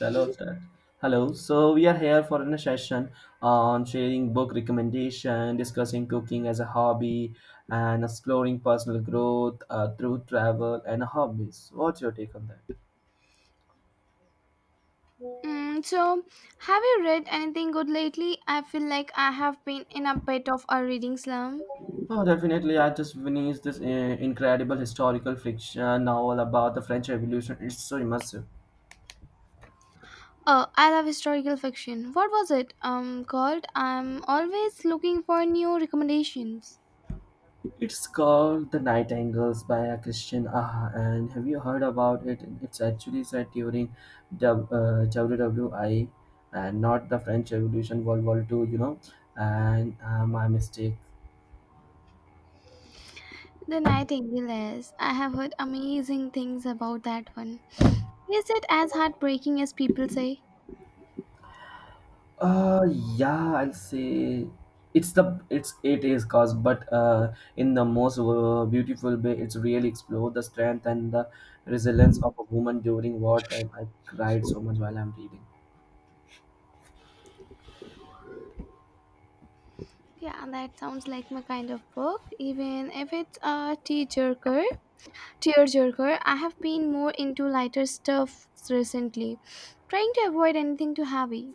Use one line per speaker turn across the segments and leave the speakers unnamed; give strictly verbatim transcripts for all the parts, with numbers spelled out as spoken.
Hello, sir. Hello. So we are here for a session on sharing book recommendation, discussing cooking as a hobby, and exploring personal growth uh, through travel and hobbies. What's your take on that?
Mm, so, have you read anything good lately? I feel like I have been in a bit of a reading slump.
Oh, definitely. I just finished this uh, incredible historical fiction novel about the French Revolution. It's so immersive.
Oh, I love historical fiction. What was it um called? I'm always looking for new recommendations.
It's called The Nightingales by a Christian Aha. And have you heard about it? It's actually set during W- uh, World War One and not the French Revolution, World War Two, you know. And uh, my mistake.
The Nightingales. I have heard amazing things about that one. Is it as heartbreaking as people say?
Uh, yeah, I'll say it's the it's it is cause, but uh, in the most uh, beautiful way, it's really explored the strength and the resilience of a woman during wartime. I cried so much while I'm reading.
Yeah, that sounds like my kind of book, even if it's a tearjerker. Tearjerker, I have been more into lighter stuff recently, trying to avoid anything too heavy.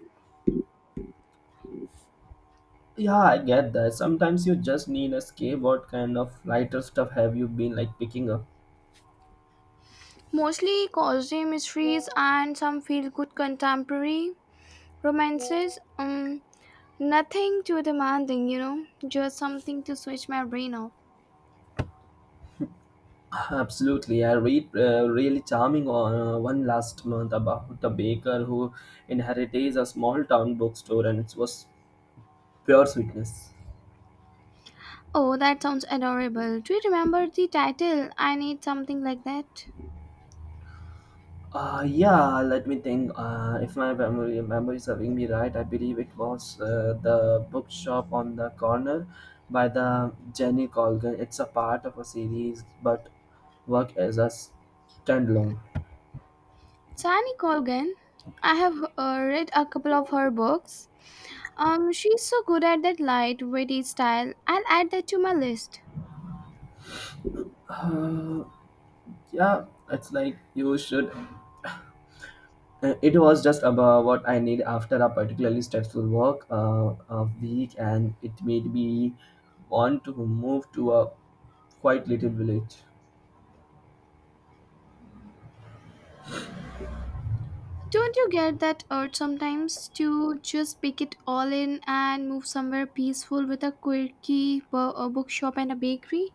Yeah, I get that. Sometimes you just need a escape. What kind of lighter stuff have you been like picking up?
Mostly cozy mysteries and some feel good contemporary romances. Um, nothing too demanding, you know, just something to switch my brain off.
Absolutely. I read uh, really charming uh, one last month about a baker who inherited a small town bookstore and it was pure sweetness.
Oh, that sounds adorable. Do you remember the title? I need something like that.
Uh, yeah, let me think. Uh, if my memory, memory is serving me right, I believe it was uh, the bookshop on the corner by the Jenny Colgan. It's a part of a series, but work as a standalone.
Sani Colgan. I have uh, read a couple of her books. Um, she's so good at that light, witty style. I'll add that to my list.
Uh, yeah, it's like you should. uh, It was just about what I need after a particularly stressful work uh, a week, and it made me want to move to a quite little village.
Don't you get that urge sometimes to just pick it all in and move somewhere peaceful with a quirky bo- a bookshop and a bakery?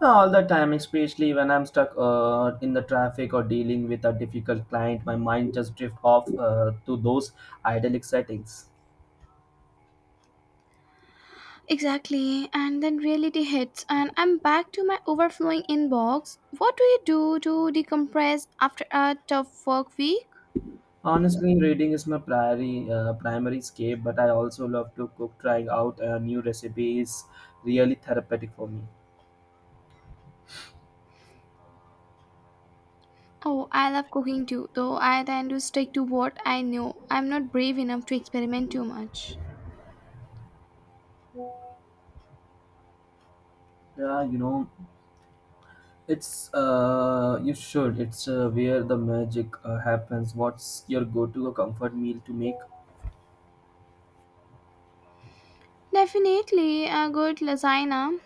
All the time, especially when I'm stuck uh, in the traffic or dealing with a difficult client, my mind just drifts off uh, to those idyllic settings.
Exactly, and then reality hits, and I'm back to my overflowing inbox. What do you do to decompress after a tough work week?
Honestly, reading is my primary uh, primary escape, but I also love to cook. Trying out a new recipe is really therapeutic for me.
Oh, I love cooking too, though I tend to stick to what I know. I'm not brave enough to experiment too much.
Yeah, you know, it's uh, you should. It's uh, where the magic uh, happens. What's your go-to comfort meal to make?
Definitely a good lasagna.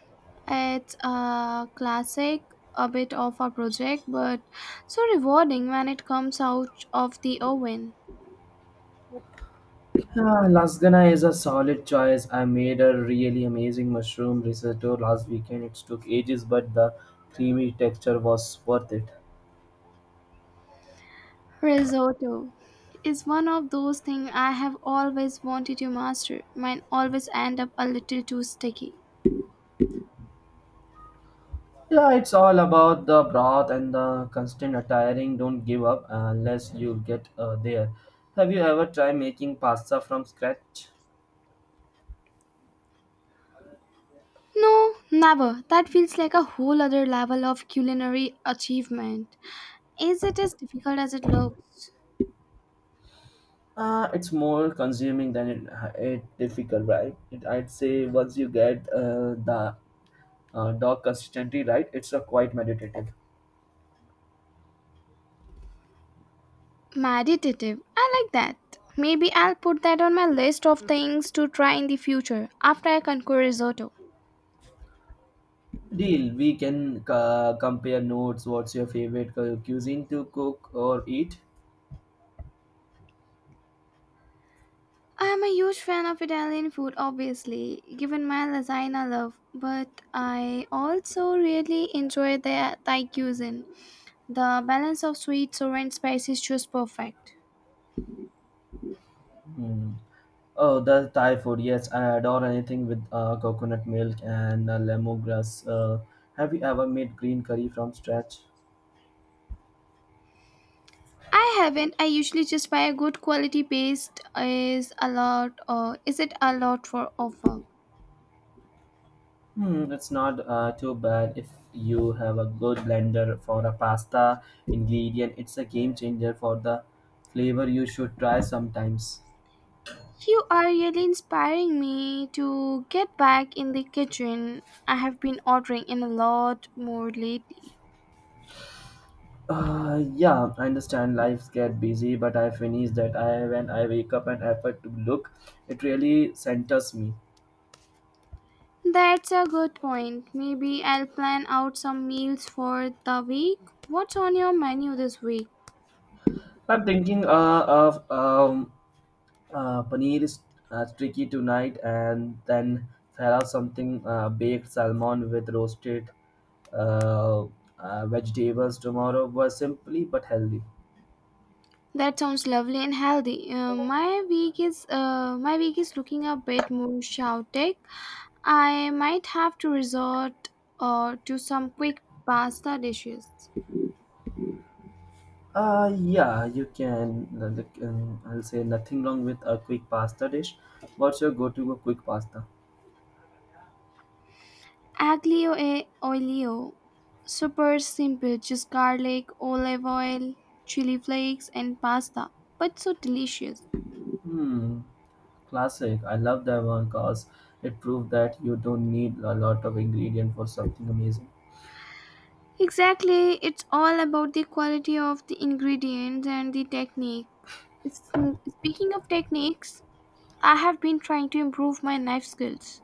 It's a classic, a bit of a project, but so rewarding when it comes out of the oven.
Ah, lasagna is a solid choice. I made a really amazing mushroom risotto last weekend. It took ages, but the creamy texture was worth it.
Risotto is one of those things I have always wanted to master. Mine always end up a little too sticky.
Yeah, it's all about the broth and the constant attiring. Don't give up uh, unless you get uh, there. Have you ever tried making pasta from scratch?
No, never. That feels like a whole other level of culinary achievement. Is it as difficult as it looks?
Uh, it's more consuming than it, uh, it difficult, right? It, I'd say once you get uh, the uh, dog consistency right, it's a quite meditative.
Meditative. I like that. Maybe I'll put that on my list of things to try in the future after I conquer risotto.
Deal. We can uh, compare notes. What's your favorite cu- cuisine to cook or eat?
I am a huge fan of Italian food, obviously, given my lasagna love, but I also really enjoy the Thai cuisine. The balance of sweet, sour, and spicy is just perfect.
Hmm. Oh, the Thai food. Yes, I adore anything with uh, coconut milk and uh, lemongrass. Uh, have you ever made green curry from scratch?
I haven't. I usually just buy a good quality paste. Is a lot, or is it a lot for offer?
Hmm, it's not uh, too bad if you have a good blender for a pasta ingredient. It's a game changer for the flavor you should try sometimes.
You are really inspiring me to get back in the kitchen. I have been ordering in a lot more lately.
Uh, yeah, I understand lives get busy, but I finish that I when I wake up and effort to look, it really centers me.
That's a good point. Maybe I'll plan out some meals for the week. What's on your menu this week?
I'm thinking uh, of um, uh, paneer is uh, tricky tonight, and then there are something uh, baked salmon with roasted uh, uh, vegetables tomorrow was simply but healthy.
That sounds lovely and healthy. Uh, my week is uh, my week is looking a bit more chaotic. I might have to resort uh, to some quick pasta dishes.
Uh, yeah, you can. uh, like, um, I'll say nothing wrong with a quick pasta dish. What's your go-to quick pasta?
Aglio e olio. Super simple, just garlic, olive oil, chili flakes, and pasta, but so delicious.
Hmm, classic. I love that one because it proved that you don't need a lot of ingredient for something amazing.
Exactly, it's all about the quality of the ingredients and the technique. S- Speaking of techniques, I have been trying to improve my knife skills.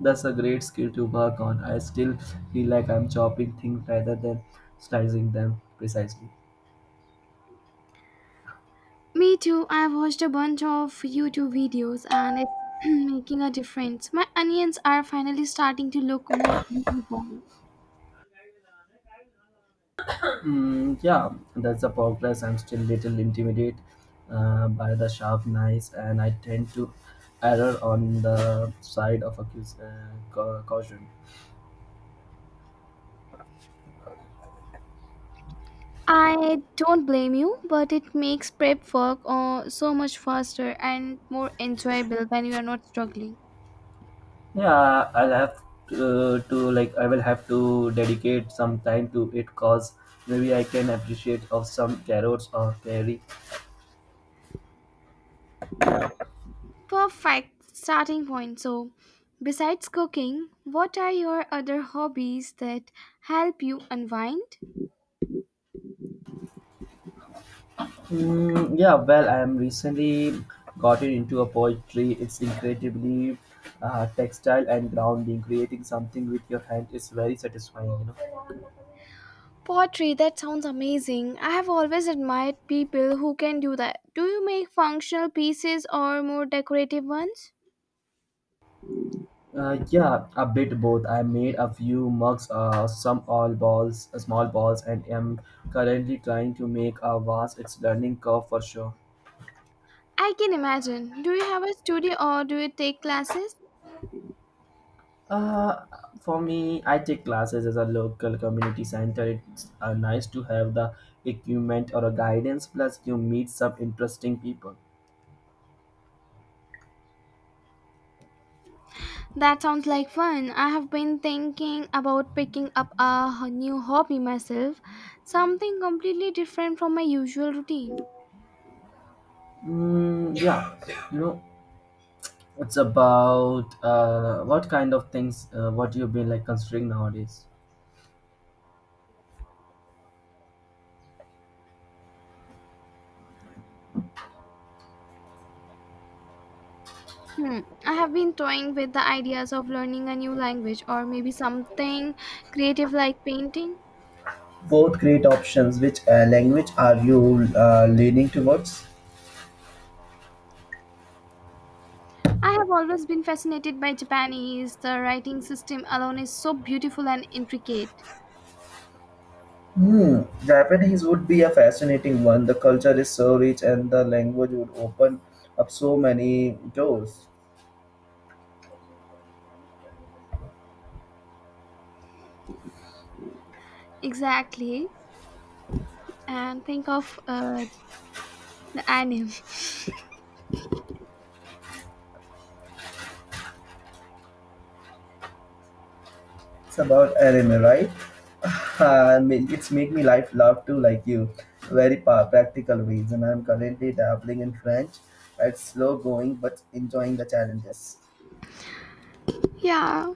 That's a great skill to work on. I still feel like I'm chopping things rather than slicing them precisely.
Me too, I've watched a bunch of YouTube videos and it's making a difference. My onions are finally starting to look more uniform.
Mm, yeah, that's a progress. I'm still little intimidated uh, by the sharp knives, and I tend to err on the side of accus- uh, cau- caution.
I don't blame you, but it makes prep work uh, so much faster and more enjoyable when you are not struggling.
Yeah, I'll have to, uh, to like I will have to dedicate some time to it cause maybe I can appreciate of some carrots or berry.
Perfect starting point. So, besides cooking, what are your other hobbies that help you unwind?
Mm, yeah, well, I'm recently gotten into a poetry. It's incredibly uh, textile and grounding. Creating something with your hand is very satisfying, you
Pottery, that sounds amazing. I have always admired people who can do that. Do you make functional pieces or more decorative ones?
know. Uh, yeah, a bit both. I made a few mugs, uh, some all balls, uh, small balls, and am currently trying to make a vase. It's learning curve for sure.
I can imagine. Do you have a studio or do you take classes?
Uh, for me, I take classes as a local community center. It's uh, nice to have the equipment or a guidance. Plus, you meet some interesting people.
That sounds like fun. I have been thinking about picking up a h- new hobby myself, something completely different from my usual routine.
Mm, yeah, you know, it's about uh, what kind of things uh, what you've been like considering nowadays.
Hmm. I have been toying with the ideas of learning a new language or maybe something creative like painting.
Both great options. Which uh, language are you uh, leaning towards?
I have always been fascinated by Japanese. The writing system alone is so beautiful and intricate.
Hmm, Japanese would be a fascinating one. The culture is so rich and the language would open up so many doors.
Exactly. And think of uh, the anime.
It's about anime, right? I mean, it's make me life love to like you very pa- practical ways, and I'm currently dabbling in French. It's slow going but enjoying the challenges.
Yeah,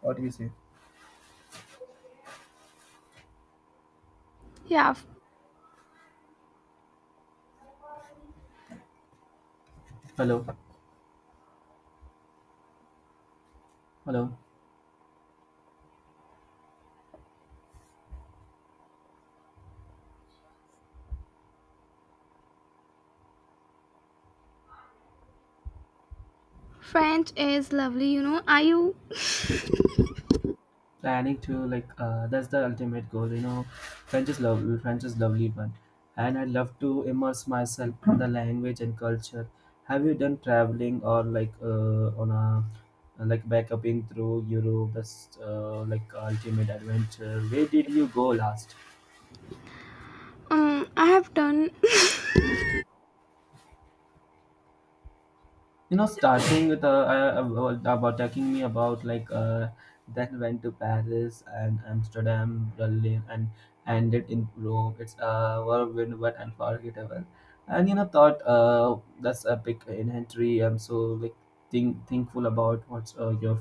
What do you say?
yeah.
Hello, hello.
French is lovely, you know. Are you
Planning to like uh, that's the ultimate goal, you know. French is lovely, French is lovely one, and I love to immerse myself in the language and culture. Have you done traveling or like uh, on a like backpacking through Europe? That's uh, like ultimate adventure. Where did you go last?
Um, I have done,
You know, starting with uh, uh, about about talking me about like uh then went to Paris and Amsterdam, Berlin, and ended in Rome. It's uh whirlwind but unforgettable. And you know, thought uh that's a big inventory. I'm so like think thankful about what's uh, your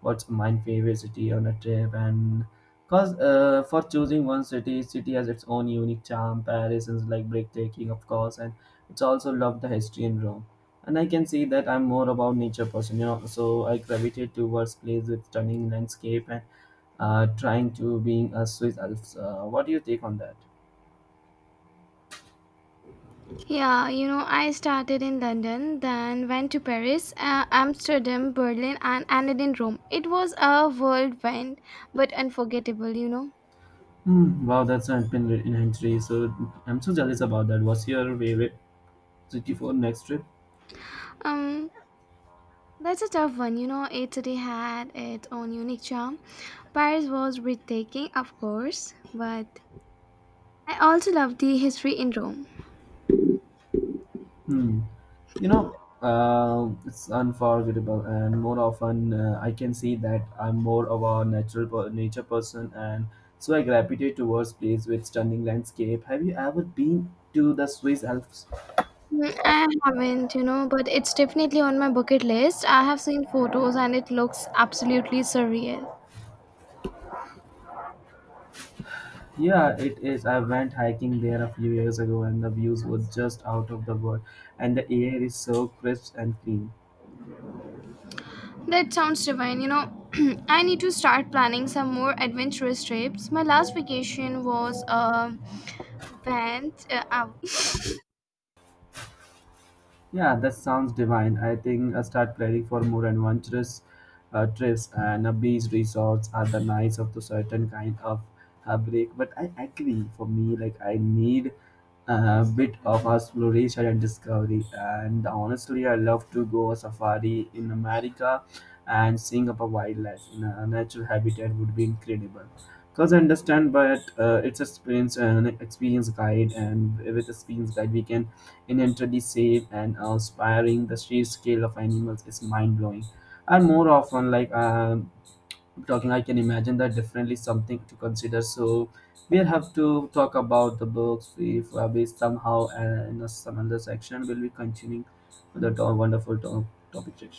what's my favorite city on a trip. And because uh, for choosing one city, city has its own unique charm. Paris is like breathtaking, of course, and it's also loved the history in Rome. And I can see that I'm more about nature person, you know, so I gravitate towards place with stunning landscape. And uh, trying to being a Swiss Alps. Uh, what do you take on that?
yeah, you know, I started in London, then went to Paris, uh, Amsterdam, Berlin, and ended in Rome. It was a whirlwind, but unforgettable, you know.
Hmm, wow, that's an been in entry, so I'm so jealous about that. What's your favorite city for next trip?
Um, that's a tough one, you know. Each city had its own unique charm. Paris was breathtaking, of course, but I also loved the history in Rome.
Hmm, you know, uh, it's unforgettable and more often uh, I can see that I'm more of a natural per- nature person, and so I gravitate towards place with stunning landscape. Have you ever been to the Swiss Alps?
Mm, I haven't, you know, but it's definitely on my bucket list. I have seen photos and it looks absolutely surreal.
Yeah, it is. I went hiking there a few years ago and the views were just out of the world, and the air is so crisp and clean.
That sounds divine. You know, I need to start planning some more adventurous trips. My last vacation was um, Banff. Uh, ow.
Yeah, that sounds divine. I think I'll start planning for more adventurous uh, trips, and uh, beach resorts are the nights of the certain kind of uh, break. But I agree, for me, like I need a bit of exploration and discovery. And honestly, I love to go a safari in America, and seeing up a wildlife in a natural habitat would be incredible. Because I understand, but uh, it's experience, an experience guide, and with experience guide, we can inherently safe and inspiring. The sheer scale of animals is mind-blowing. And more often, like um, talking, I can imagine that definitely something to consider. So we'll have to talk about the books if uh, we somehow uh, in a, some other section we will be continuing with the to- wonderful to- topic section.